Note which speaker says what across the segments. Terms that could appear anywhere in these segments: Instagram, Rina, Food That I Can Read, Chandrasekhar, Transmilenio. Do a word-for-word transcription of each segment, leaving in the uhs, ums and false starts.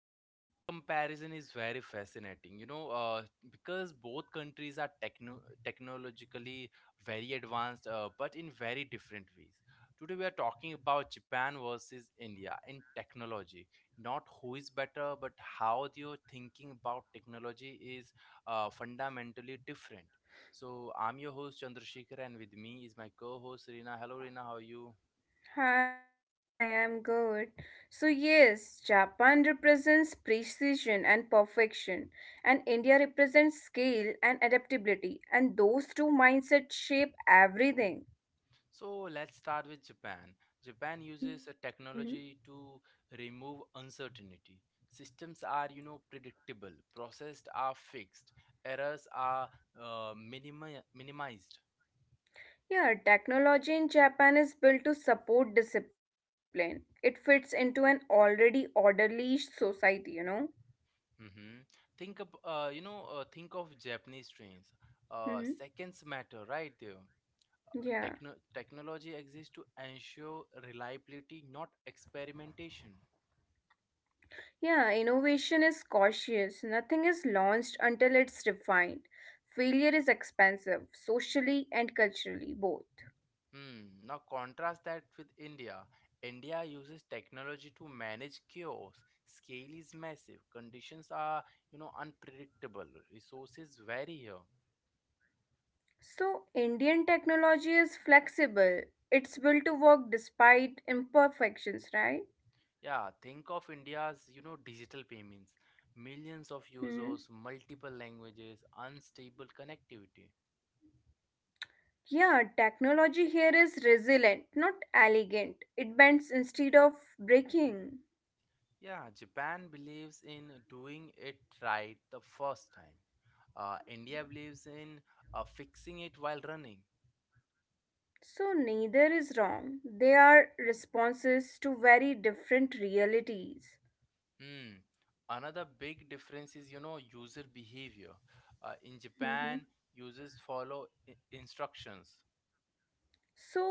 Speaker 1: So today's comparison is very fascinating, you know, uh, because both countries are techno- technologically very advanced, uh, but in very different ways. Today we are talking about Japan versus India in technology, not who is better, but how your thinking about technology is uh, fundamentally different. So I'm your host Chandrasekhar, and with me is my co-host Rina. Hello, Rina. How are you?
Speaker 2: Hi, I'm good. So, yes, Japan represents precision and perfection, and India represents scale and adaptability, and those two mindsets shape everything.
Speaker 1: So let's start with Japan. Japan uses a
Speaker 2: Mhm.
Speaker 1: technology to remove uncertainty. Systems are, you know, predictable. Processes are fixed. Errors are uh, minimi- minimized.
Speaker 2: Yeah, technology in Japan is built to support discipline. It fits into an already orderly society, you know?
Speaker 1: Hmm. Think of, uh, you know, uh, think of Japanese trains. Uh,
Speaker 2: hmm
Speaker 1: seconds matter, right there. Techno-
Speaker 2: Yeah.
Speaker 1: technology exists to ensure reliability, not experimentation.
Speaker 2: Yeah, innovation is cautious. Nothing is launched until it's refined. Failure is expensive, socially and culturally, both.
Speaker 1: Hmm. Now contrast that with India. India uses technology to manage chaos. Scale is massive. Conditions are, you know, unpredictable. Resources vary here.
Speaker 2: So, Indian technology is flexible. It's built to work despite imperfections, right?
Speaker 1: Yeah, think of India's, you know, digital payments. Millions of
Speaker 2: hmm
Speaker 1: users, multiple languages, unstable connectivity.
Speaker 2: Yeah, technology here is resilient, not elegant. It bends instead of breaking.
Speaker 1: Yeah, Japan believes in doing it right the first time. Uh, India believes in uh, fixing it while running.
Speaker 2: So, neither is wrong. They are responses to very different realities.
Speaker 1: Hmm. Another big difference is, you know, user behavior. Uh, in Japan,
Speaker 2: Mhm.
Speaker 1: users follow i- instructions.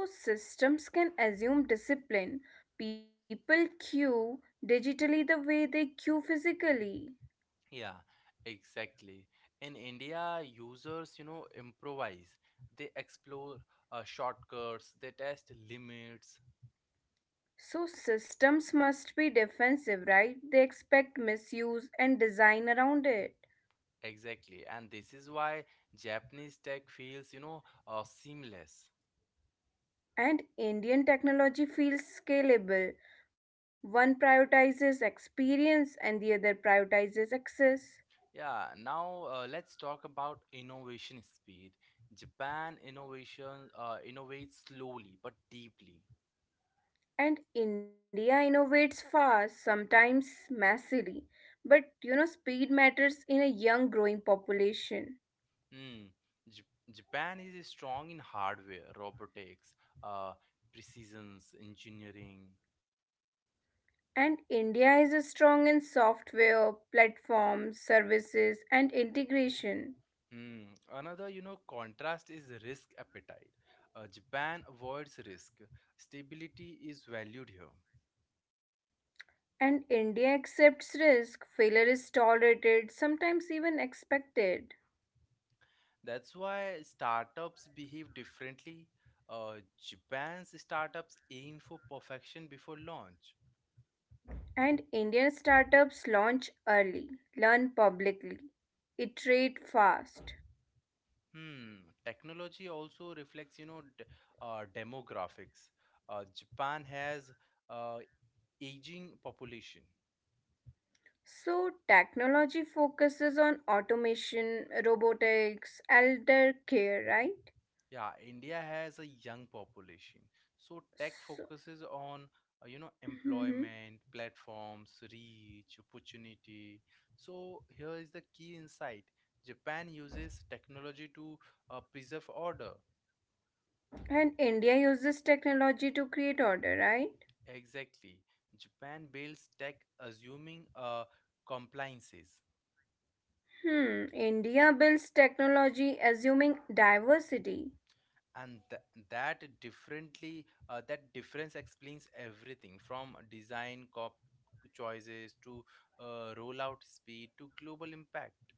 Speaker 2: So, systems can assume discipline. People queue digitally the way they queue physically.
Speaker 1: Yeah, exactly. In India, users, you know, improvise. They explore uh, shortcuts, they test limits.
Speaker 2: So, systems must be defensive, right? They expect misuse and design around it.
Speaker 1: Exactly. And this is why Japanese tech feels, you know, uh, seamless.
Speaker 2: And Indian technology feels scalable. One prioritizes experience and the other prioritizes access.
Speaker 1: Yeah, now uh, let's talk about innovation speed. Japan innovation uh, innovates slowly but deeply.
Speaker 2: And India innovates fast, sometimes massively. But you know, speed matters in a young growing population.
Speaker 1: Hmm. J- Japan is strong in hardware, robotics, uh, precision engineering.
Speaker 2: And India is strong in software, platforms, services, and integration.
Speaker 1: Hmm. Another, you know, contrast is risk appetite. Uh, Japan avoids risk. Stability is valued here.
Speaker 2: And India accepts risk, failure is tolerated, sometimes even expected.
Speaker 1: That's why startups behave differently. Uh, Japan's startups aim for perfection before launch.
Speaker 2: And Indian startups launch early, learn publicly, iterate fast.
Speaker 1: Hmm. Technology also reflects, you know, d- uh, demographics. Uh, Japan has uh, aging population.
Speaker 2: So, technology focuses on automation, robotics, elder care, right?
Speaker 1: Yeah, India has a young population, so tech focuses
Speaker 2: So,
Speaker 1: on uh, you know
Speaker 2: Mhm.
Speaker 1: employment, platforms, reach, opportunity. So here is the key insight. Japan uses technology to uh, preserve order.
Speaker 2: And India uses technology to create order, right?
Speaker 1: Exactly. Japan builds tech assuming uh, compliances.
Speaker 2: Hmm, India builds technology assuming diversity.
Speaker 1: and th- that differently uh, that difference explains everything from design cop choices to uh, rollout speed to global impact,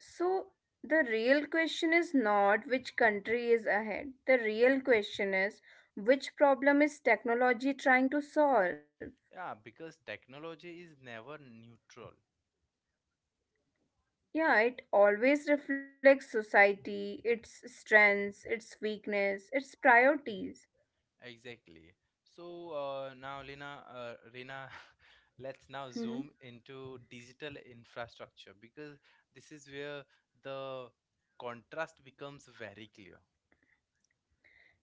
Speaker 2: So, the real question is not which country is ahead. The real question is which problem is technology trying to solve?
Speaker 1: yeah, because technology is never neutral.
Speaker 2: Yeah, it always reflects society, its strengths, its weakness, its priorities.
Speaker 1: Exactly. So uh, now Lina, uh, Reena, let's
Speaker 2: Mhm.
Speaker 1: now zoom into digital infrastructure because this is where the contrast becomes very clear.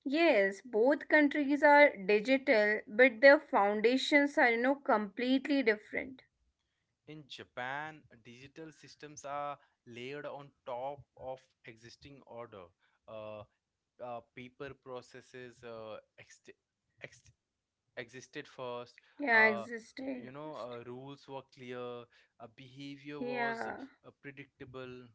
Speaker 2: Yes, both countries are digital, but their foundations are, you know, completely different.
Speaker 1: In Japan, digital systems are layered on top of existing order. Uh, uh, Paper processes uh, ext ext existed first.
Speaker 2: Yeah,
Speaker 1: Uh, y-
Speaker 2: existed
Speaker 1: you know,
Speaker 2: first.
Speaker 1: uh, Rules were clear, uh, behavior was
Speaker 2: Yeah.
Speaker 1: uh, predictable,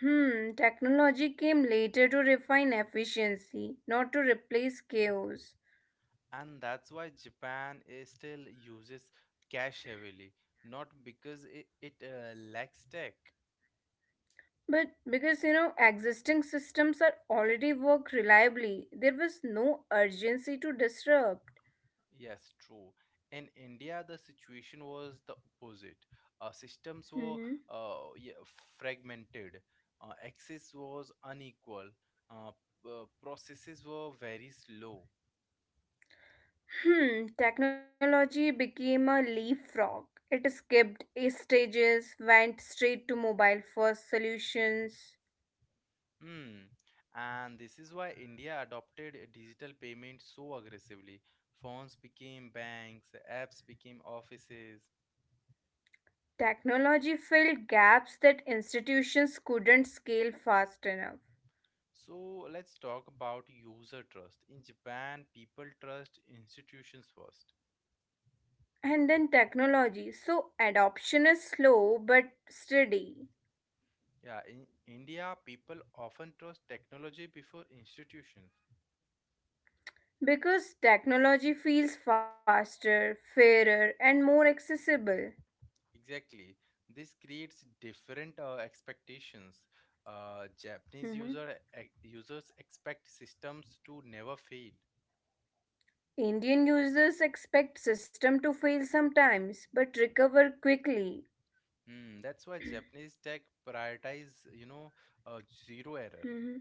Speaker 2: Hmm. Technology came later to refine efficiency, not to replace chaos.
Speaker 1: and that's why Japan is still uses cash heavily. Not because it, it uh, lacks tech.
Speaker 2: But because you know existing systems are already work reliably, there was no urgency to disrupt.
Speaker 1: Yes, true. In India, the situation was the opposite. Uh, systems were
Speaker 2: hmm
Speaker 1: uh, yeah, fragmented, uh, access was unequal, uh, p- uh, processes were very slow.
Speaker 2: Hmm. Technology became a leapfrog. It skipped stages, went straight to mobile first solutions.
Speaker 1: Hmm. And this is why India adopted digital payment so aggressively. Phones became banks, apps became offices.
Speaker 2: Technology filled gaps that institutions couldn't scale fast enough.
Speaker 1: So let's talk about user trust. In Japan, people trust institutions first.
Speaker 2: And then technology. So adoption is slow but steady
Speaker 1: Yeah, in India, people often trust technology before institutions.
Speaker 2: because technology feels faster, fairer, and more accessible.
Speaker 1: Exactly. This creates different uh, expectations. Uh, Japanese
Speaker 2: Mhm.
Speaker 1: user e- users expect systems to never fail.
Speaker 2: Indian users expect system to fail sometimes but recover quickly.
Speaker 1: Hmm, that's why Japanese tech prioritize, you know, uh, zero error.
Speaker 2: Mhm.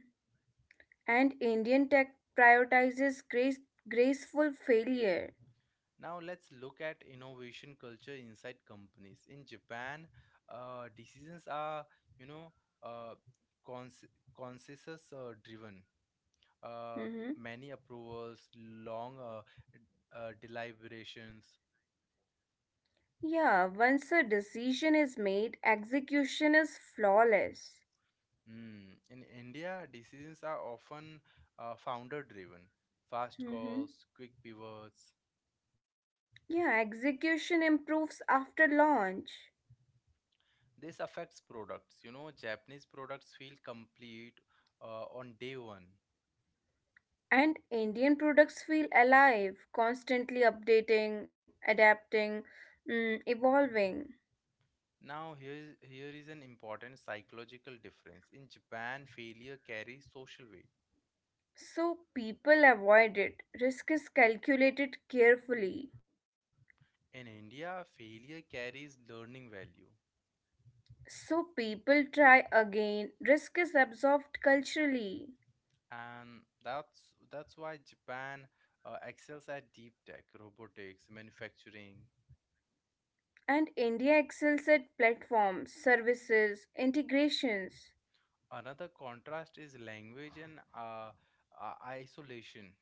Speaker 2: And Indian tech prioritizes grace, graceful failure.
Speaker 1: Now let's look at innovation culture inside companies. In Japan, uh, decisions are, you know, uh, cons- consensus uh, driven, uh,
Speaker 2: Mhm.
Speaker 1: many approvals, long uh, uh, deliberations.
Speaker 2: Yeah, once a decision is made, execution is flawless.
Speaker 1: Hmm. In India, decisions are often uh, founder driven, fast calls, quick
Speaker 2: Mhm.
Speaker 1: pivots.
Speaker 2: Yeah, execution improves after launch.
Speaker 1: This affects products. You know, Japanese products feel complete uh, on day one.
Speaker 2: And Indian products feel alive, constantly updating, adapting, mm, evolving.
Speaker 1: Now, here is, here is an important psychological difference. In Japan, failure carries social weight.
Speaker 2: So people avoid it. Risk is calculated carefully.
Speaker 1: In India, failure carries learning value.
Speaker 2: So people try again. Risk is absorbed culturally.
Speaker 1: and that's that's why Japan uh, excels at deep tech, robotics, manufacturing.
Speaker 2: And India excels at platforms, services, integrations.
Speaker 1: Another contrast is language and uh, uh, isolation.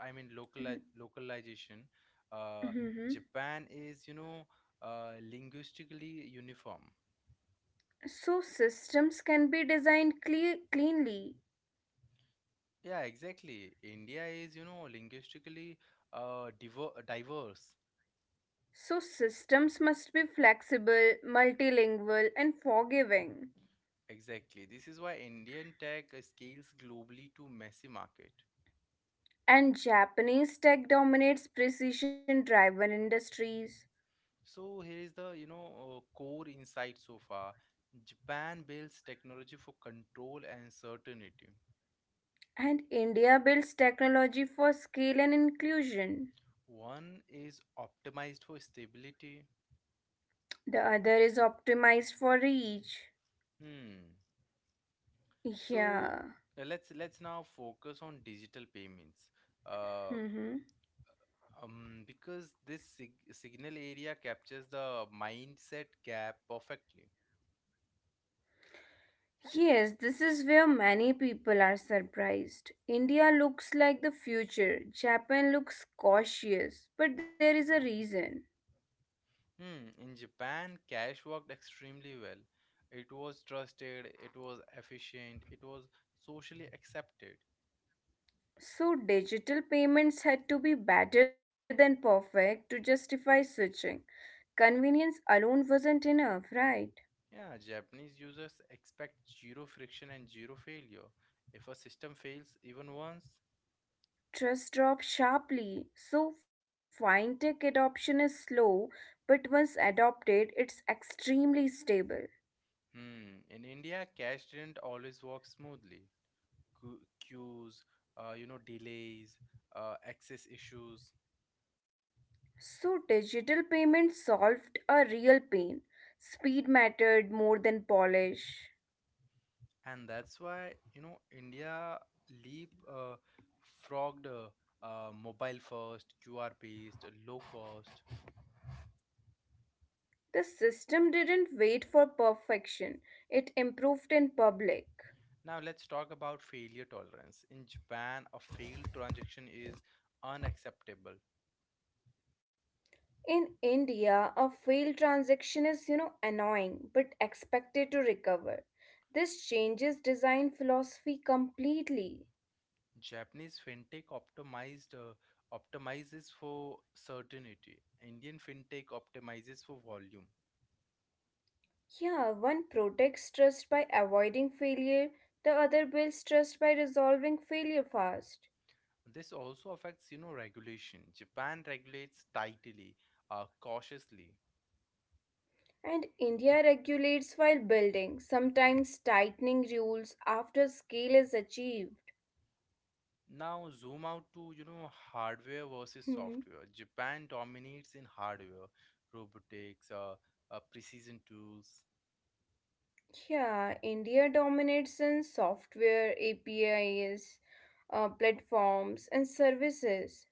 Speaker 1: I mean local localization. Uh,
Speaker 2: Mhm.
Speaker 1: Japan is you know uh, linguistically uniform.
Speaker 2: So systems can be designed cle- cleanly.
Speaker 1: Yeah, exactly. India is you know linguistically uh, diver- diverse.
Speaker 2: So systems must be flexible, multilingual, and forgiving.
Speaker 1: Exactly. This is why Indian tech scales globally to massive market.
Speaker 2: And Japanese tech dominates precision driven industries.
Speaker 1: So here is the you know uh, core insight so far. Japan builds technology for control and certainty.
Speaker 2: And India builds technology for scale and inclusion.
Speaker 1: One is optimized for stability.
Speaker 2: The other is optimized for reach.
Speaker 1: Hmm. So
Speaker 2: Yeah.
Speaker 1: uh, let's let's now focus on digital payments. Uh,
Speaker 2: hmm
Speaker 1: um, because this sig- signal area captures the mindset gap perfectly.
Speaker 2: Yes, this is where many people are surprised. India looks like the future. Japan looks cautious, but there is a reason.
Speaker 1: Hmm, in Japan, cash worked extremely well. It was trusted, it was efficient, it was socially accepted.
Speaker 2: So digital payments had to be better than perfect to justify switching. Convenience alone wasn't enough, right?
Speaker 1: Yeah, Japanese users expect zero friction and zero failure. If a system fails even once.
Speaker 2: Trust dropped sharply. So fintech adoption is slow, but once adopted, it's extremely stable.
Speaker 1: Hmm, in India, cash didn't always work smoothly. Qu- Queues, uh, you know, delays, uh, access issues.
Speaker 2: So digital payments solved a real pain. Speed mattered more than polish.
Speaker 1: And that's why you know India leap uh, frogged uh, uh, mobile first, Q R based, low cost.
Speaker 2: The system didn't wait for perfection. It improved in public.
Speaker 1: Now let's talk about failure tolerance. In Japan, a failed transaction is unacceptable.
Speaker 2: In India, a failed transaction is, you know, annoying but expected to recover. This changes design philosophy completely.
Speaker 1: Japanese fintech optimized uh, optimizes for certainty. Indian fintech optimizes for volume.
Speaker 2: Yeah, one protects trust by avoiding failure, the other builds trust by resolving failure fast.
Speaker 1: This also affects you know regulation. Japan regulates tightly, uh, cautiously.
Speaker 2: And India regulates while building, sometimes tightening rules after scale is achieved.
Speaker 1: Now zoom out to, you know, hardware versus software. Japan dominates in hardware, robotics, uh, uh, precision tools.
Speaker 2: Yeah, India dominates in software, A P Is, uh, platforms, and services.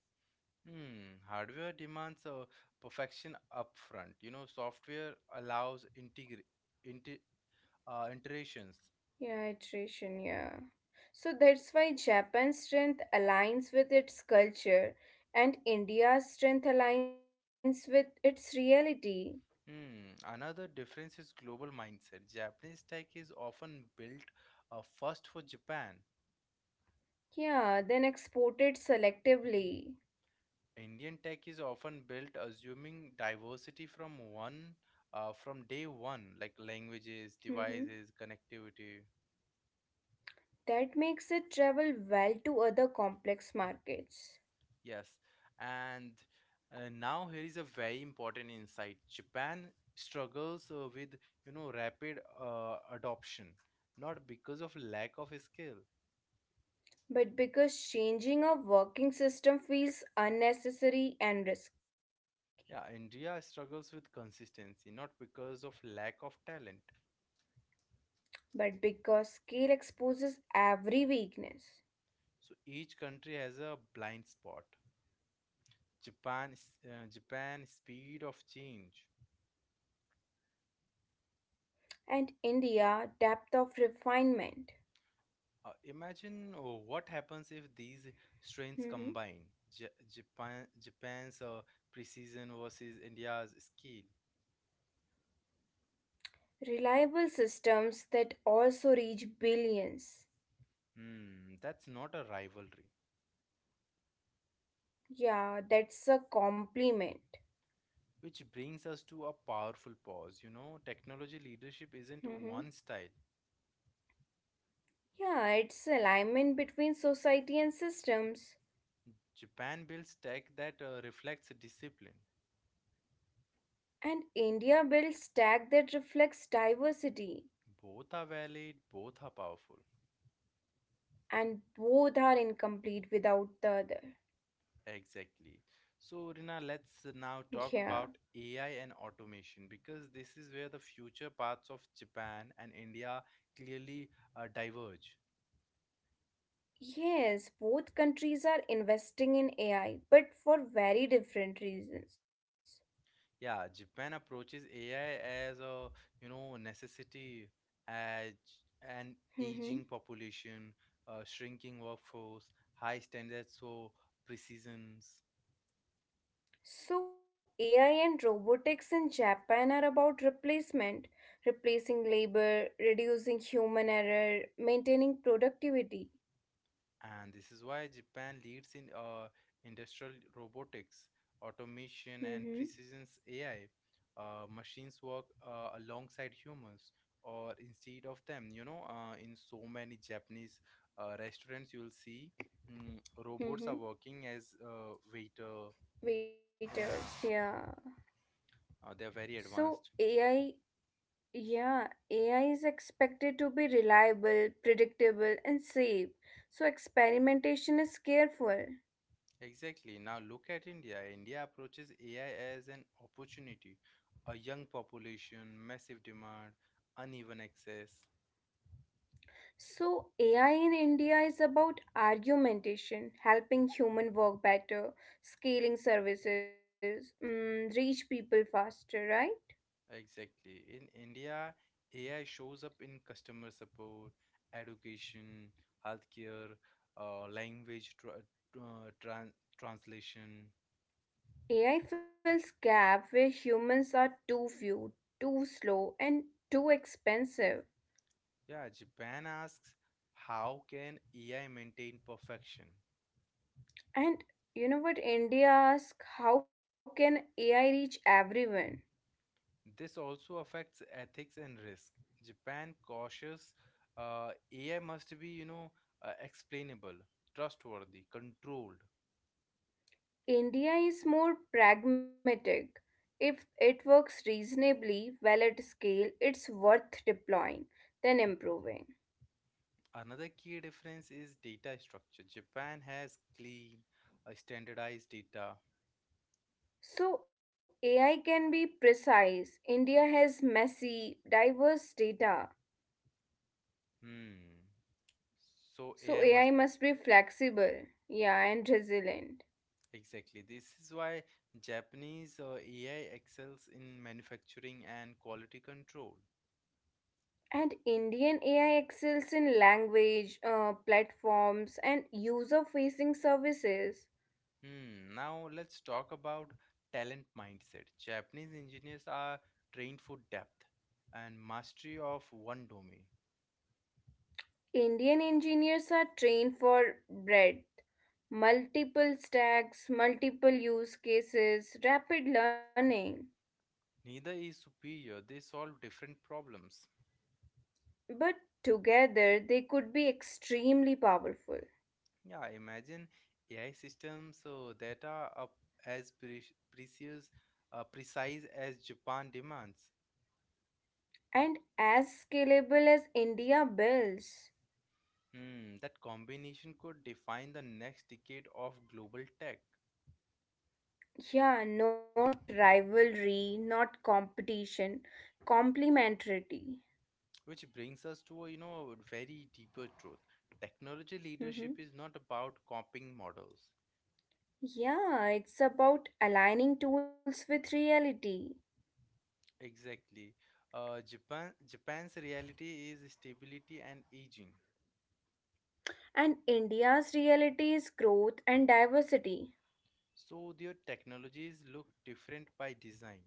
Speaker 1: Hmm, hardware demands uh, perfection upfront. You know, software allows integra- inter- uh, iterations.
Speaker 2: Yeah, iteration, yeah. So that's why Japan's strength aligns with its culture and India's strength aligns with its reality.
Speaker 1: Hmm, another difference is global mindset. Japanese tech is often built uh, first for Japan.
Speaker 2: Yeah, then exported selectively.
Speaker 1: Indian tech is often built assuming diversity from one uh, from day one, like languages,
Speaker 2: hmm
Speaker 1: devices, connectivity.
Speaker 2: That makes it travel well to other complex markets.
Speaker 1: Yes, and uh, now here is a very important insight. Japan struggles uh, with you know rapid uh, adoption, not because of lack of skill.
Speaker 2: But because changing a working system feels unnecessary and risky.
Speaker 1: Yeah, India struggles with consistency, not because of lack of talent.
Speaker 2: But because scale exposes every weakness.
Speaker 1: So each country has a blind spot. Japan, s- uh, Japan speed of change.
Speaker 2: And India, depth of refinement.
Speaker 1: Uh, imagine oh, what happens if these strains
Speaker 2: Mhm.
Speaker 1: combine. Ja Japan, Japan's uh, precision versus India's skill.
Speaker 2: Reliable systems that also reach billions.
Speaker 1: Hmm, that's not a rivalry.
Speaker 2: Yeah, that's a compliment.
Speaker 1: Which brings us to a powerful pause. You know, technology leadership isn't
Speaker 2: Mhm.
Speaker 1: one style.
Speaker 2: Yeah, it's alignment between society and systems.
Speaker 1: Japan builds tech that uh, reflects discipline.
Speaker 2: And India builds stack that reflects diversity.
Speaker 1: Both are valid, both are powerful.
Speaker 2: And both are incomplete without the other.
Speaker 1: Exactly. So, Rina, let's now
Speaker 2: Yeah.
Speaker 1: talk about A I and automation because this is where the future paths of Japan and India clearly uh, diverge.
Speaker 2: Yes, both countries are investing in A I, but for very different reasons.
Speaker 1: Yeah, Japan approaches A I as a, you know, necessity as an
Speaker 2: Mhm.
Speaker 1: aging population, uh, shrinking workforce, high standards for precisions.
Speaker 2: So, A I and robotics in Japan are about replacement, replacing labor, reducing human error, maintaining productivity.
Speaker 1: And this is why Japan leads in uh, industrial robotics, automation, and
Speaker 2: Mm-hmm.
Speaker 1: precision A I. Uh, machines work uh, alongside humans or instead of them. You know, uh, in so many Japanese uh, restaurants, you'll see mm, robots are
Speaker 2: Mm-hmm.
Speaker 1: working as uh, waiter. Yeah,
Speaker 2: Waiters, yeah.
Speaker 1: uh, they're very advanced.
Speaker 2: So, A I, yeah, A I is expected to be reliable, predictable, and safe. So, experimentation is careful.
Speaker 1: Exactly. Now look at India. India approaches A I as an opportunity. A young population, massive demand, uneven access.
Speaker 2: So, A I in India is about argumentation, helping human work better, scaling services, mm, reach people faster, right?
Speaker 1: Exactly. In India, A I shows up in customer support, education, healthcare, uh, language tra- uh, tran- translation.
Speaker 2: A I fills gap where humans are too few, too slow, and too expensive.
Speaker 1: Yeah, Japan asks, how can A I maintain perfection?
Speaker 2: And you know what? India asks, how can A I reach everyone?
Speaker 1: This also affects ethics and risk. Japan cautious, uh, A I must be, you know, uh, explainable, trustworthy, controlled.
Speaker 2: India is more pragmatic. If it works reasonably well at scale, it's worth deploying, then improving.
Speaker 1: Another key difference is data structure. Japan has clean, uh, standardized data.
Speaker 2: So A I can be precise. India has messy, diverse data.
Speaker 1: Hmm. So
Speaker 2: So
Speaker 1: A I
Speaker 2: A I
Speaker 1: must
Speaker 2: must be flexible, yeah, and resilient.
Speaker 1: exactly. This is why Japanese uh, A I excels in manufacturing and quality control.
Speaker 2: And Indian A I excels in language, uh, platforms, and user facing services.
Speaker 1: Hmm. Now let's talk about talent mindset. Japanese engineers are trained for depth and mastery of one domain.
Speaker 2: Indian engineers are trained for breadth, multiple stacks, multiple use cases, rapid learning.
Speaker 1: Neither is superior. They solve different problems.
Speaker 2: But together, they could be extremely powerful.
Speaker 1: Yeah, imagine A I systems so that are up as pre- precious, uh, precise as Japan demands.
Speaker 2: And as scalable as India builds.
Speaker 1: Hmm, that combination could define the next decade of global tech,
Speaker 2: Yeah, not rivalry, not competition, complementarity.
Speaker 1: which brings us to a you know very deeper truth. Technology leadership
Speaker 2: Mhm.
Speaker 1: is not about copying models.
Speaker 2: Yeah, it's about aligning tools with reality.
Speaker 1: Exactly. Uh, Japan Japan's reality is stability and aging,
Speaker 2: And India's reality is growth and diversity.
Speaker 1: so their technologies look different by design.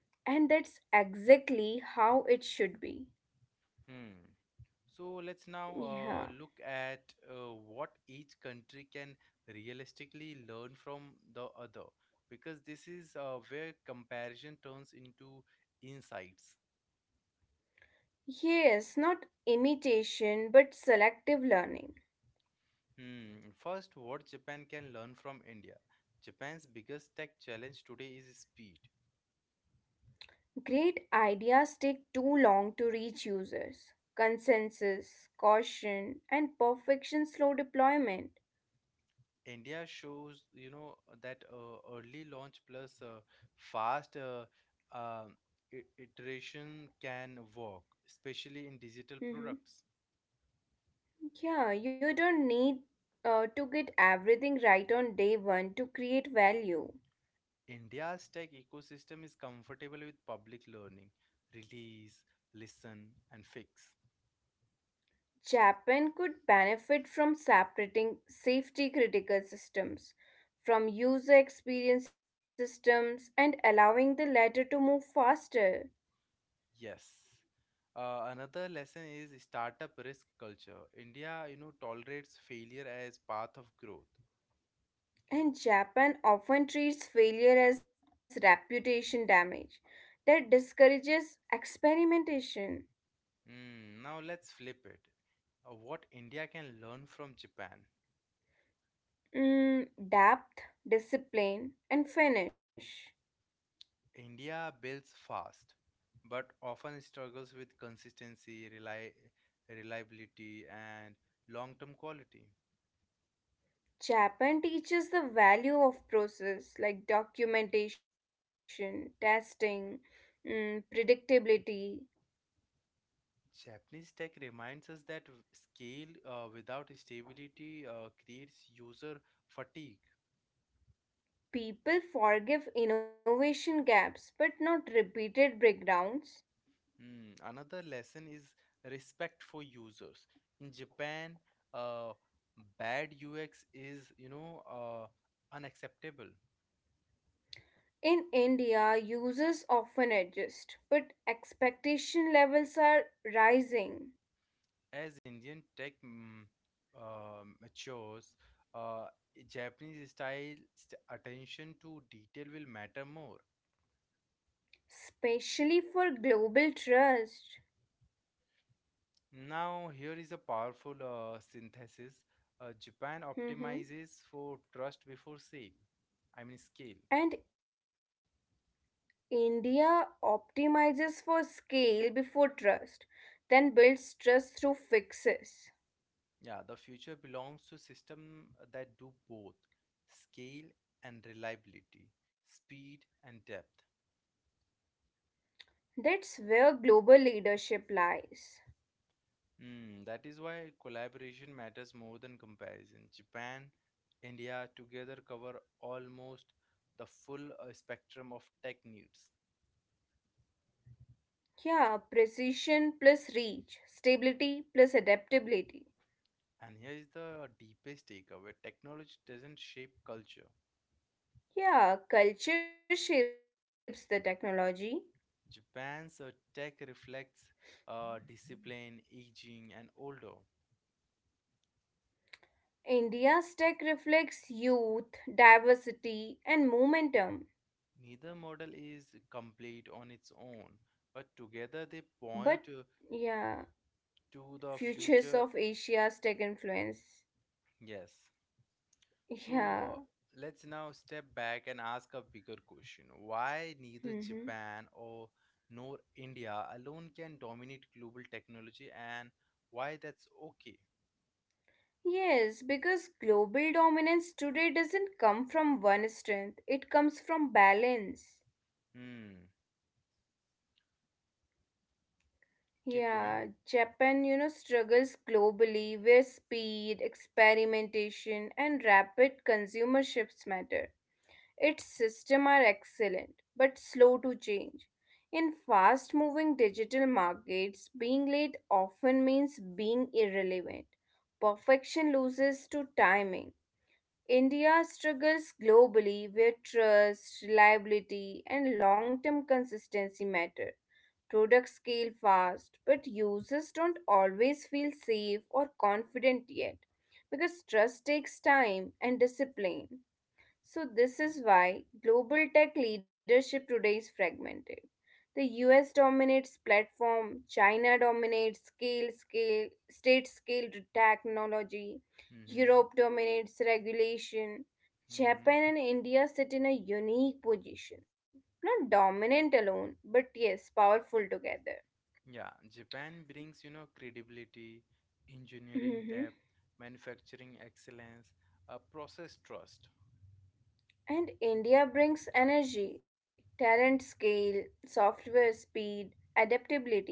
Speaker 2: And that's exactly how it should be.
Speaker 1: Hmm. So let's now uh,
Speaker 2: Yeah.
Speaker 1: look at uh, what each country can realistically learn from the other, because this is uh, where comparison turns into insights.
Speaker 2: Yes, not imitation, but selective learning.
Speaker 1: Hmm. First, what Japan can learn from India. Japan's biggest tech challenge today is speed.
Speaker 2: Great ideas take too long to reach users. Consensus, caution, and perfection slow deployment.
Speaker 1: India shows, you know, that uh, early launch plus uh, fast uh, um, i- iteration can work, especially in digital
Speaker 2: Mhm.
Speaker 1: products.
Speaker 2: Yeah, you don't need uh, to get everything right on day one to create value.
Speaker 1: India's tech ecosystem is comfortable with public learning, release, listen, and fix.
Speaker 2: Japan could benefit from separating safety critical systems from user experience systems and allowing the latter to move faster.
Speaker 1: Yes. Uh, another lesson is startup risk culture. India, you know, tolerates failure as path of growth.
Speaker 2: And Japan often treats failure as reputation damage that discourages experimentation.
Speaker 1: Mm, now let's flip it. Uh, what India can learn from Japan.
Speaker 2: Mm, depth, discipline, and finish.
Speaker 1: India builds fast, but often struggles with consistency, reli- reliability, and long-term quality.
Speaker 2: Japan teaches the value of process like documentation, testing, mm, predictability.
Speaker 1: Japanese tech reminds us that w- scale uh, without stability uh, creates user fatigue.
Speaker 2: People forgive innovation gaps but not repeated breakdowns.
Speaker 1: Hmm, another lesson is respect for users. In Japan, uh, bad U X is you know uh, unacceptable.
Speaker 2: In India, users often adjust, but expectation levels are rising,
Speaker 1: As Indian tech mm, uh, matures, uh, Japanese style st- attention to detail will matter more.
Speaker 2: especially for global trust.
Speaker 1: Now, here is a powerful uh, synthesis. Uh, Japan
Speaker 2: Mhm.
Speaker 1: optimizes for trust before sale. I mean, scale.
Speaker 2: And India optimizes for scale before trust, then builds trust through fixes.
Speaker 1: Yeah, the future belongs to system that do both scale and reliability, speed and depth.
Speaker 2: That's where global leadership lies.
Speaker 1: Mm, that is why collaboration matters more than comparison. Japan, India together cover almost the full uh, spectrum of tech needs.
Speaker 2: Yeah, precision plus reach, stability plus adaptability.
Speaker 1: And here is the deepest takeaway: technology doesn't shape culture.
Speaker 2: Yeah, culture shapes the technology.
Speaker 1: Japan's uh, tech reflects uh, discipline, aging, and older.
Speaker 2: India's tech reflects youth, diversity, and momentum.
Speaker 1: Neither model is complete on its own, but together they
Speaker 2: But
Speaker 1: point uh,
Speaker 2: yeah,
Speaker 1: to the
Speaker 2: futures
Speaker 1: future.
Speaker 2: of Asia's tech influence.
Speaker 1: Yes. So
Speaker 2: Yeah.
Speaker 1: uh, let's now step back and ask a bigger question. Why neither
Speaker 2: hmm
Speaker 1: Japan or nor India alone can dominate global technology and why that's okay?
Speaker 2: Yes, because global dominance today doesn't come from one strength, it comes from balance.
Speaker 1: Hmm. Keep going.
Speaker 2: Yeah, Japan, you know, struggles globally where speed, experimentation, and rapid consumer shifts matter. Its systems are excellent but slow to change. In fast moving digital markets, being late often means being irrelevant. Perfection loses to timing. India struggles globally where trust, reliability, and long term consistency matter. Products scale fast, but users don't always feel safe or confident yet because trust takes time and discipline. So, this is why global tech leadership today is fragmented. The U S dominates platform, China dominates scale, scale, state scale to technology,
Speaker 1: Mm-hmm.
Speaker 2: Europe dominates regulation,
Speaker 1: Mm-hmm.
Speaker 2: Japan and India sit in a unique position. Not dominant alone, but yes, powerful together.
Speaker 1: Yeah, Japan brings, you know, credibility, engineering
Speaker 2: Mhm.
Speaker 1: depth, manufacturing excellence, uh, process trust.
Speaker 2: And India brings energy, talent scale, software speed, adaptability.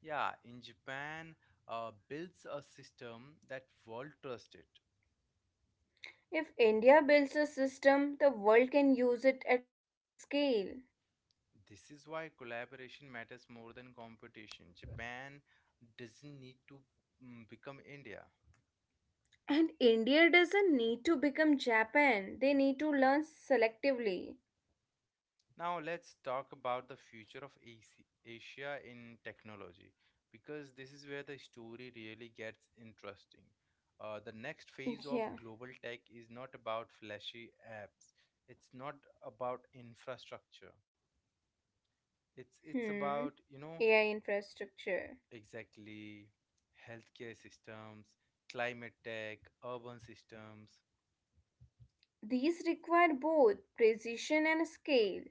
Speaker 1: Yeah, in Japan, uh, builds a system that world trust it.
Speaker 2: If India builds a system, the world can use it at scale.
Speaker 1: This is why collaboration matters more than competition. Japan doesn't need to mm, become India.
Speaker 2: And India doesn't need to become Japan, they need to learn selectively.
Speaker 1: Now let's talk about the future of Asi- Asia in technology because this is where the story really gets interesting. Uh, the next phase of
Speaker 2: Yeah.
Speaker 1: global tech is not about flashy apps. It's not about infrastructure. It's it's
Speaker 2: Hmm.
Speaker 1: about, you know,
Speaker 2: A I infrastructure.
Speaker 1: exactly healthcare systems, climate tech, urban systems.
Speaker 2: These require both precision and scale.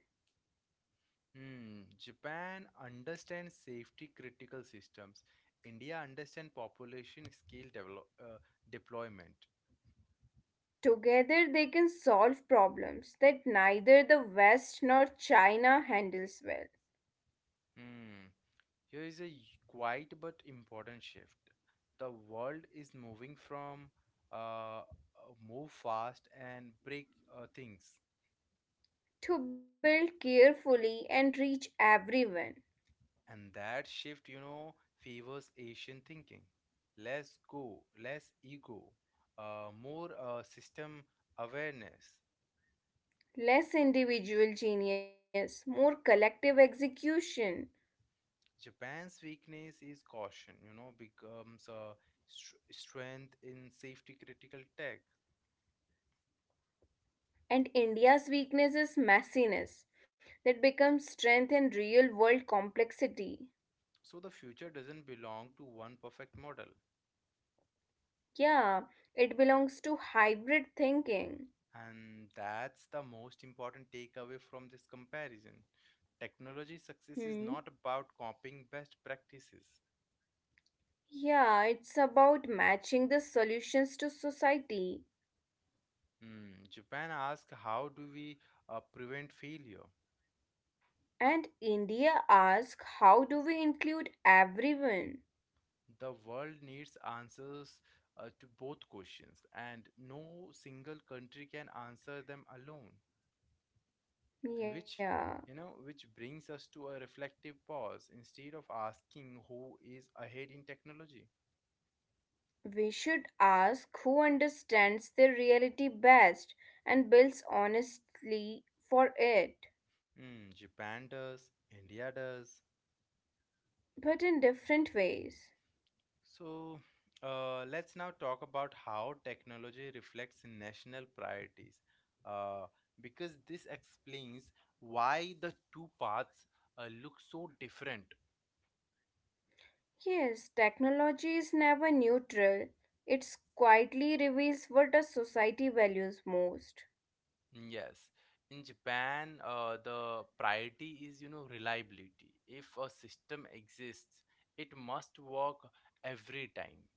Speaker 1: Hmm, Japan understands safety critical systems. India understands population scale develop, uh, deployment.
Speaker 2: Together, they can solve problems that neither the West nor China handles well.
Speaker 1: Hmm. Here is a quiet but important shift. The world is moving from uh, uh, move fast and break uh, things.
Speaker 2: To build carefully and reach everyone,
Speaker 1: And that shift, you know, favors Asian thinking. Less go, less ego, uh, more uh, system awareness.
Speaker 2: less individual genius, more collective execution.
Speaker 1: Japan's weakness is caution, you know, becomes a str- strength in safety critical tech.
Speaker 2: And India's weakness is messiness that becomes strength in real world complexity.
Speaker 1: So the future doesn't belong to one perfect model.
Speaker 2: Yeah, it belongs to hybrid thinking.
Speaker 1: And that's the most important takeaway from this comparison. Technology success is
Speaker 2: Hmm.
Speaker 1: not about copying best practices.
Speaker 2: Yeah, it's about matching the solutions to society.
Speaker 1: Hmm, Japan asks, how do we uh, prevent failure?
Speaker 2: And India asks, how do we include everyone?
Speaker 1: The world needs answers uh, to both questions, and no single country can answer them alone. And which,
Speaker 2: Yeah,
Speaker 1: you know, which brings us to a reflective pause instead of asking who is ahead in technology.
Speaker 2: we should ask who understands their reality best and builds honestly for it,
Speaker 1: Hmm, japan does, india does.
Speaker 2: but in different ways.
Speaker 1: So uh, let's now talk about how technology reflects national priorities, uh, because this explains why the two paths uh, look so different.
Speaker 2: Yes, technology is never neutral. It quietly reveals what a society values most.
Speaker 1: Yes. In Japan, uh, the priority is, you know, reliability. If a system exists, it must work every time.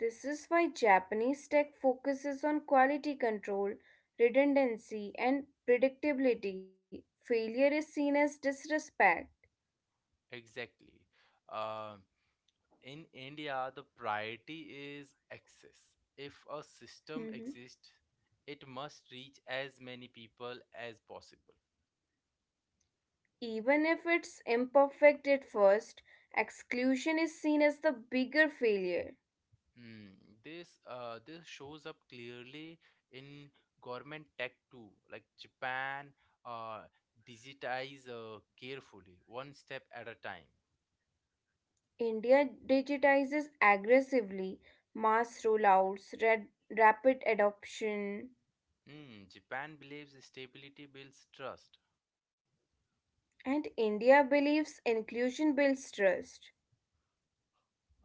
Speaker 2: This is why Japanese tech focuses on quality control, redundancy, and predictability. Failure is seen as disrespect.
Speaker 1: Exactly. Uh, in India, the priority is access. If a system
Speaker 2: Mhm.
Speaker 1: exists, it must reach as many people as possible.
Speaker 2: Even if it's imperfect at first, exclusion is seen as the bigger failure.
Speaker 1: Hmm, this uh this shows up clearly in government tech too. Like Japan uh digitize uh, carefully, one step at a time.
Speaker 2: India digitizes aggressively, mass rollouts, red, rapid adoption,
Speaker 1: Hmm, Japan believes stability builds trust.
Speaker 2: and India believes inclusion builds trust.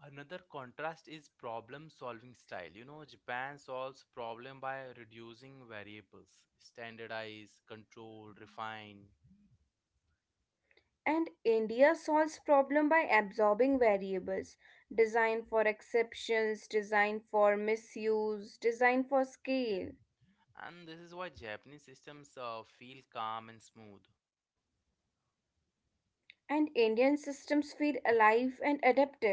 Speaker 1: Another contrast is problem solving style. You know, Japan solves problem by reducing variables, standardize, control, refine.
Speaker 2: And India solves problem by absorbing variables, design for exceptions, design for misuse, design for scale.
Speaker 1: And this is why Japanese systems uh, feel calm and smooth.
Speaker 2: And Indian systems feel alive and adaptive.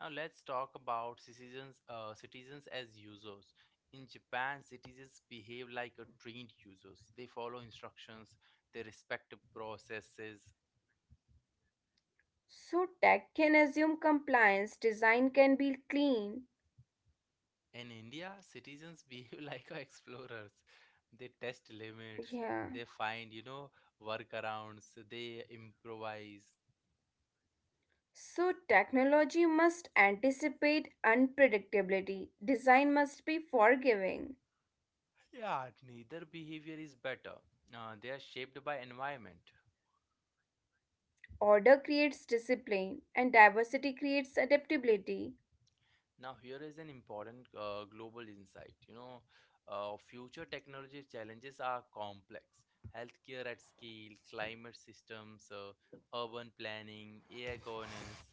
Speaker 1: Now let's talk about citizens, uh, citizens as users. In Japan, citizens behave like a trained users. They follow instructions, they respect the processes.
Speaker 2: So tech can assume compliance, design can be clean.
Speaker 1: In India, citizens behave like explorers. They test limits,
Speaker 2: Yeah.
Speaker 1: they find, you know, workarounds, they improvise.
Speaker 2: So, technology must anticipate unpredictability, design must be forgiving,
Speaker 1: Yeah, neither behavior is better. Uh, they are shaped by environment.
Speaker 2: order creates discipline, and diversity creates adaptability.
Speaker 1: Now, here is an important uh, global insight. You know, uh, future technology challenges are complex. Healthcare at scale, climate systems, uh, urban planning, A I governance.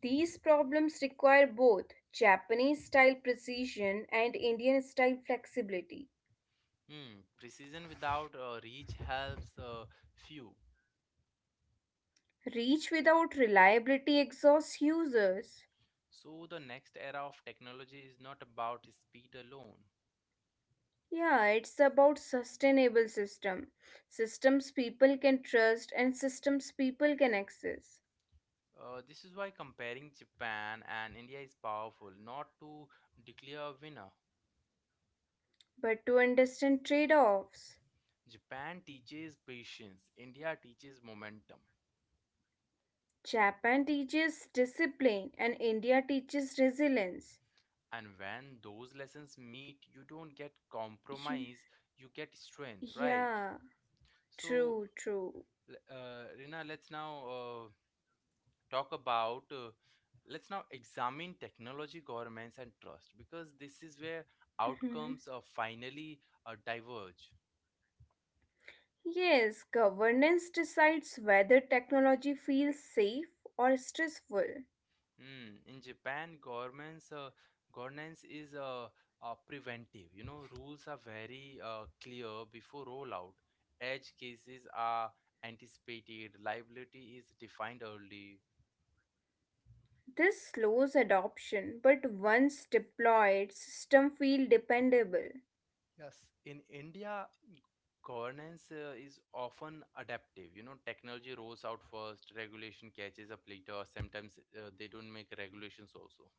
Speaker 2: These problems require both Japanese style precision and Indian style flexibility.
Speaker 1: Hmm, precision without uh, reach helps uh, few.
Speaker 2: Reach without reliability exhausts users.
Speaker 1: So, the next era of technology is not about speed alone.
Speaker 2: Yeah, it's about sustainable system. Systems people can trust and systems people can access.
Speaker 1: Uh, this is why comparing Japan and India is powerful, not to declare a winner.
Speaker 2: But to understand trade offs,
Speaker 1: Japan teaches patience, India teaches momentum.
Speaker 2: Japan teaches discipline and India teaches resilience.
Speaker 1: And when those lessons meet, you don't get
Speaker 2: You,
Speaker 1: compromise, you get strength, right?
Speaker 2: yeah,
Speaker 1: So,
Speaker 2: true, true.
Speaker 1: l- uh, Rina, let's now uh, talk about. Uh, let's now examine technology, governments, and trust because this is where
Speaker 2: Mhm.
Speaker 1: outcomes uh, finally uh, diverge.
Speaker 2: Yes, governance decides whether technology feels safe or stressful.
Speaker 1: Hmm. In Japan, governments uh, governance is uh, uh, preventive. You know, rules are very uh, clear before rollout. Edge cases are anticipated. Liability is defined early.
Speaker 2: This slows adoption, but once deployed, system feel dependable.
Speaker 1: Yes, in India, governance uh, is often adaptive. You know, technology rolls out first, regulation catches up later. Sometimes uh, they don't make regulations also.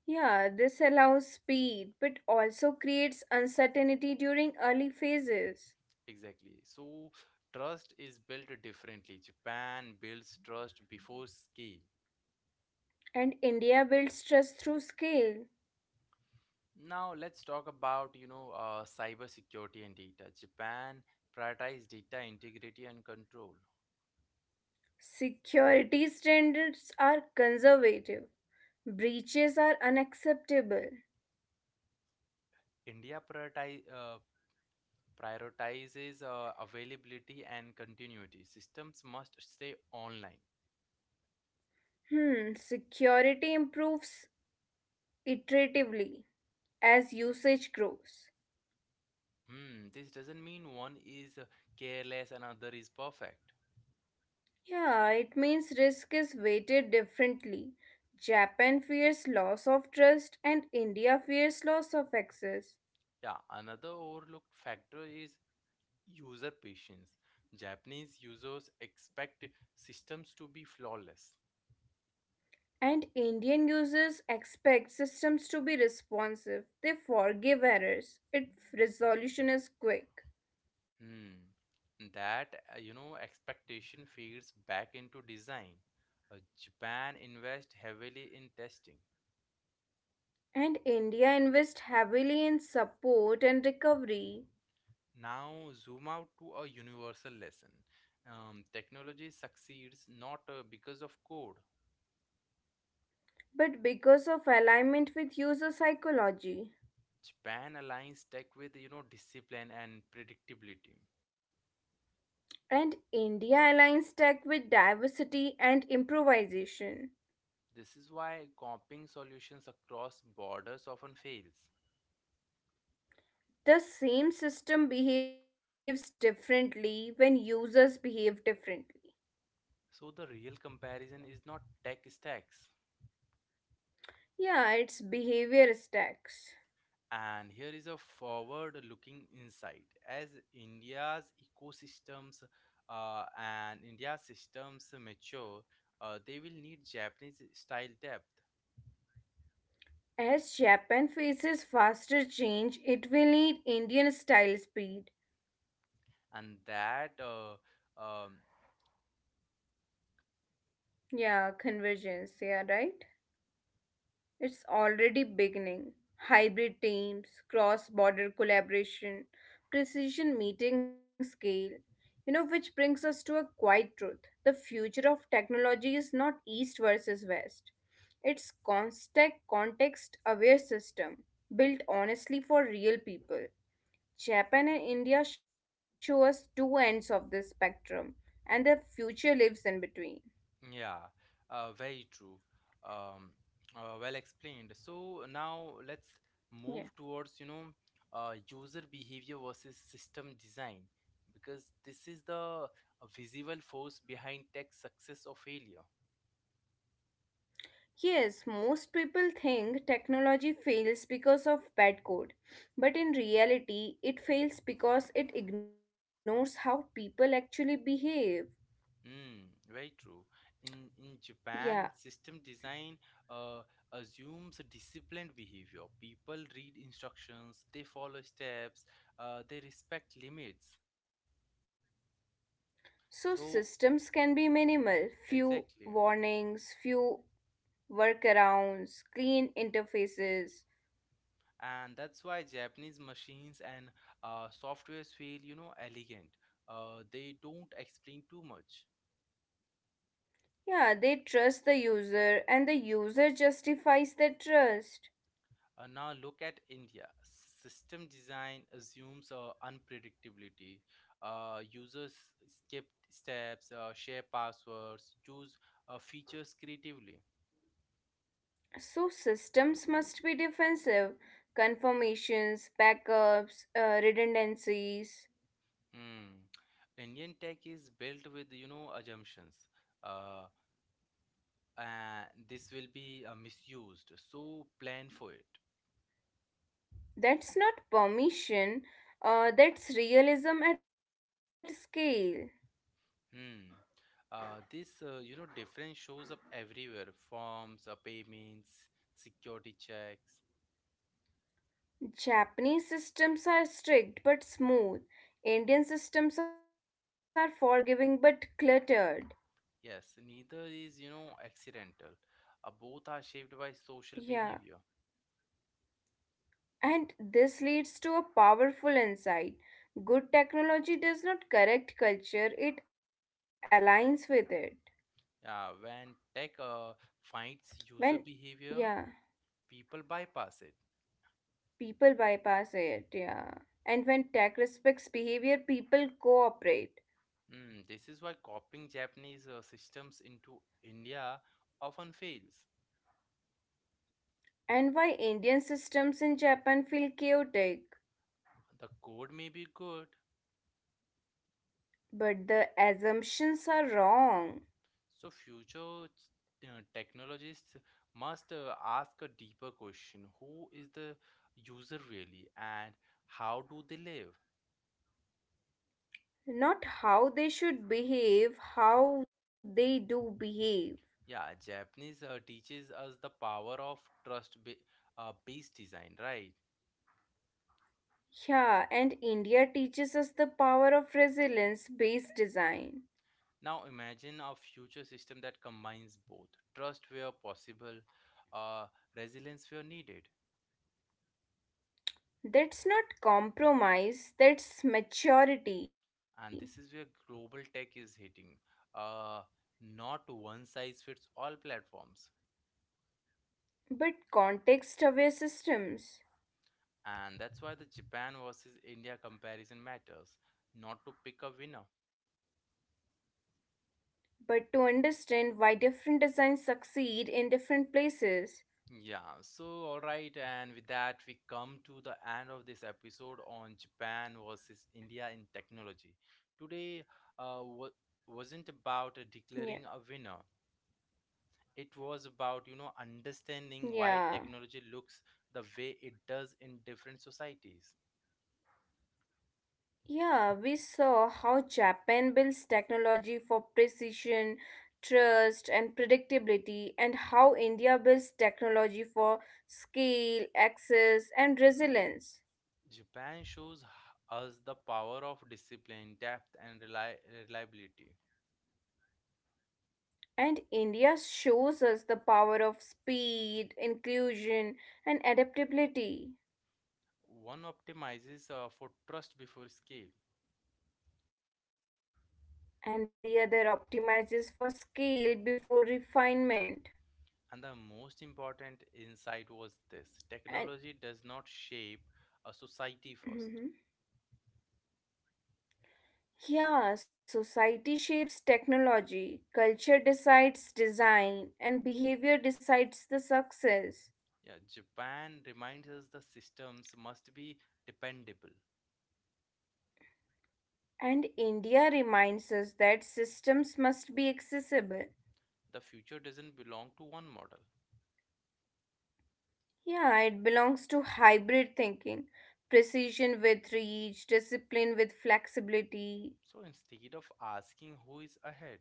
Speaker 2: Yeah, this allows speed, but also creates uncertainty during early phases.
Speaker 1: Exactly. So trust is built differently. Japan builds trust before scale.
Speaker 2: And India builds trust through scale.
Speaker 1: Now let's talk about, you know, uh, cybersecurity and data. Japan prioritizes data integrity and control.
Speaker 2: Security standards are conservative. Breaches are unacceptable.
Speaker 1: India prioritize, uh, prioritizes uh, availability and continuity. Systems must stay online.
Speaker 2: Hmm, security improves iteratively as usage grows.
Speaker 1: Hmm, this doesn't mean one is uh, careless and another is perfect.
Speaker 2: Yeah, it means risk is weighted differently. Japan fears loss of trust and India fears loss of access.
Speaker 1: Yeah, another overlooked factor is user patience. Japanese users expect systems to be flawless.
Speaker 2: And Indian users expect systems to be responsive. They forgive errors if resolution is quick.
Speaker 1: Hmm. That, uh, you know, expectation feeds back into design. Uh, Japan invests heavily in testing.
Speaker 2: And India invests heavily in support and recovery,
Speaker 1: Now, zoom out to a universal lesson. Um, technology succeeds not uh, because of code.
Speaker 2: but because of alignment with user psychology.
Speaker 1: Japan aligns tech with, you know, discipline and predictability.
Speaker 2: And India aligns tech with diversity and improvisation.
Speaker 1: This is why copying solutions across borders often fails.
Speaker 2: The same system behaves differently when users behave differently.
Speaker 1: So the real comparison is not tech stacks.
Speaker 2: Yeah, it's behavior stacks.
Speaker 1: And here is a forward looking insight. As India's ecosystems uh, and India's systems mature, uh, they will need Japanese style depth.
Speaker 2: As Japan faces faster change, it will need Indian style speed.
Speaker 1: And that, uh, um,
Speaker 2: Yeah, convergence, yeah, right? It's already beginning. Hybrid teams, cross border collaboration, precision meeting scale. You know, which brings us to a quiet truth. The future of technology is not East versus West, it's constant context aware system built honestly for real people. Japan and India show us two ends of this spectrum, and the future lives in between.
Speaker 1: yeah, uh, very true. Um, uh, well explained. So now let's
Speaker 2: Yeah.
Speaker 1: move towards, you know, uh, user behavior versus system design because this is the uh, visible force behind tech success or failure.
Speaker 2: Yes, most people think technology fails because of bad code, but in reality, it fails because it ignores how people actually behave.
Speaker 1: Mm, very true. In in
Speaker 2: Yeah,
Speaker 1: Japan, system design uh, assumes a disciplined behavior. People read instructions, they follow steps, uh, they respect limits.
Speaker 2: so systems
Speaker 1: So
Speaker 2: can be minimal few
Speaker 1: exactly,
Speaker 2: warnings, few workarounds, clean interfaces.
Speaker 1: and that's why Japanese machines and uh, softwares feel, you know, elegant. Uh, they don't explain too much.
Speaker 2: Yeah, they trust the user, and the user justifies the trust.
Speaker 1: Uh, now look at India. System design assumes uh, unpredictability. Uh, users skip steps, uh, share passwords, use uh, features creatively.
Speaker 2: So systems must be defensive, confirmations, backups, uh, redundancies.
Speaker 1: Hmm. Indian tech is built with, you know, assumptions. Uh, and this will be uh, misused. So plan for it.
Speaker 2: That's not permission. Uh, that's realism at scale.
Speaker 1: Hmm. Uh, this uh, you know difference shows up everywhere. Forms, uh, payments, security checks.
Speaker 2: Japanese systems are strict but smooth. Indian systems are forgiving but cluttered.
Speaker 1: Yes, neither is, you know, accidental. Uh, both are shaped by social behavior.
Speaker 2: Yeah, and this leads to a powerful insight. Good technology does not correct culture, it aligns with it.
Speaker 1: Uh, when tech uh,
Speaker 2: When,
Speaker 1: finds user
Speaker 2: yeah.
Speaker 1: behavior, people bypass it.
Speaker 2: People bypass it, yeah. And when tech respects behavior, people cooperate.
Speaker 1: Mm, this is why copying Japanese uh, systems into India often fails.
Speaker 2: And why Indian systems in Japan feel chaotic.
Speaker 1: The code may be good,
Speaker 2: But the assumptions are wrong.
Speaker 1: so future t- uh, technologists must uh, ask a deeper question: Who is the user really, and how do they live?
Speaker 2: Not how they should behave, how they do behave.
Speaker 1: Yeah, Japanese uh, teaches us the power of trust ba- uh, based design, right?
Speaker 2: Yeah, and India teaches us the power of resilience based design.
Speaker 1: Now imagine a future system that combines both trust where possible, uh, resilience where needed.
Speaker 2: That's not compromise, that's maturity.
Speaker 1: And this is where global tech is hitting. Uh, not one size fits all platforms.
Speaker 2: But context aware systems.
Speaker 1: And that's why the Japan versus India comparison matters, not to pick a winner.
Speaker 2: But to understand why different designs succeed in different places.
Speaker 1: Yeah, so all right, and with that, we come to the end of this episode on Japan versus India in technology. Today, uh, wa- wasn't
Speaker 2: Yeah.
Speaker 1: about declaring a winner. It was about, you know, understanding
Speaker 2: Yeah.
Speaker 1: why technology looks the way it does in different societies.
Speaker 2: Yeah, we saw how Japan builds technology for precision, trust, and predictability, and how India builds technology for scale, access, and resilience.
Speaker 1: Japan shows h- us the power of discipline, depth, and reli- reliability.
Speaker 2: And India shows us the power of speed, inclusion, and adaptability,
Speaker 1: One optimizes uh, for trust before scale.
Speaker 2: and the other optimizes for scale before refinement.
Speaker 1: And the most important insight was this
Speaker 2: And
Speaker 1: technology does not shape a society first.
Speaker 2: Mhm. Yeah, society shapes technology, culture decides design, and behavior decides the success.
Speaker 1: Yeah, Japan reminds us the systems must be dependable.
Speaker 2: And India reminds us that systems must be accessible.
Speaker 1: The future doesn't belong to one model.
Speaker 2: Yeah, it belongs to hybrid thinking precision with reach, discipline with flexibility.
Speaker 1: So instead of asking who is ahead,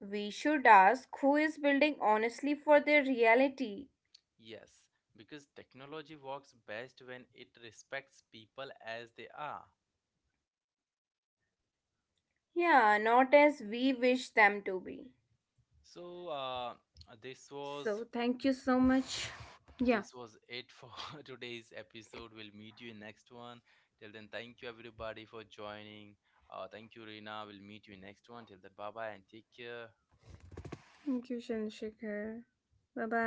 Speaker 2: We should ask who is building honestly for their reality.
Speaker 1: yes, because technology works best when it respects people as they are.
Speaker 2: Yeah, not as we wish them to be.
Speaker 1: So uh, this
Speaker 2: So, thank
Speaker 1: was
Speaker 2: you so much. Yeah.
Speaker 1: this was it for today's episode. We'll meet you in next one. Till then, thank you everybody for joining. Uh, thank you, Rina. We'll meet you in next one. Till then, bye bye and take care.
Speaker 2: Thank you, Chandrasekhar. Bye bye.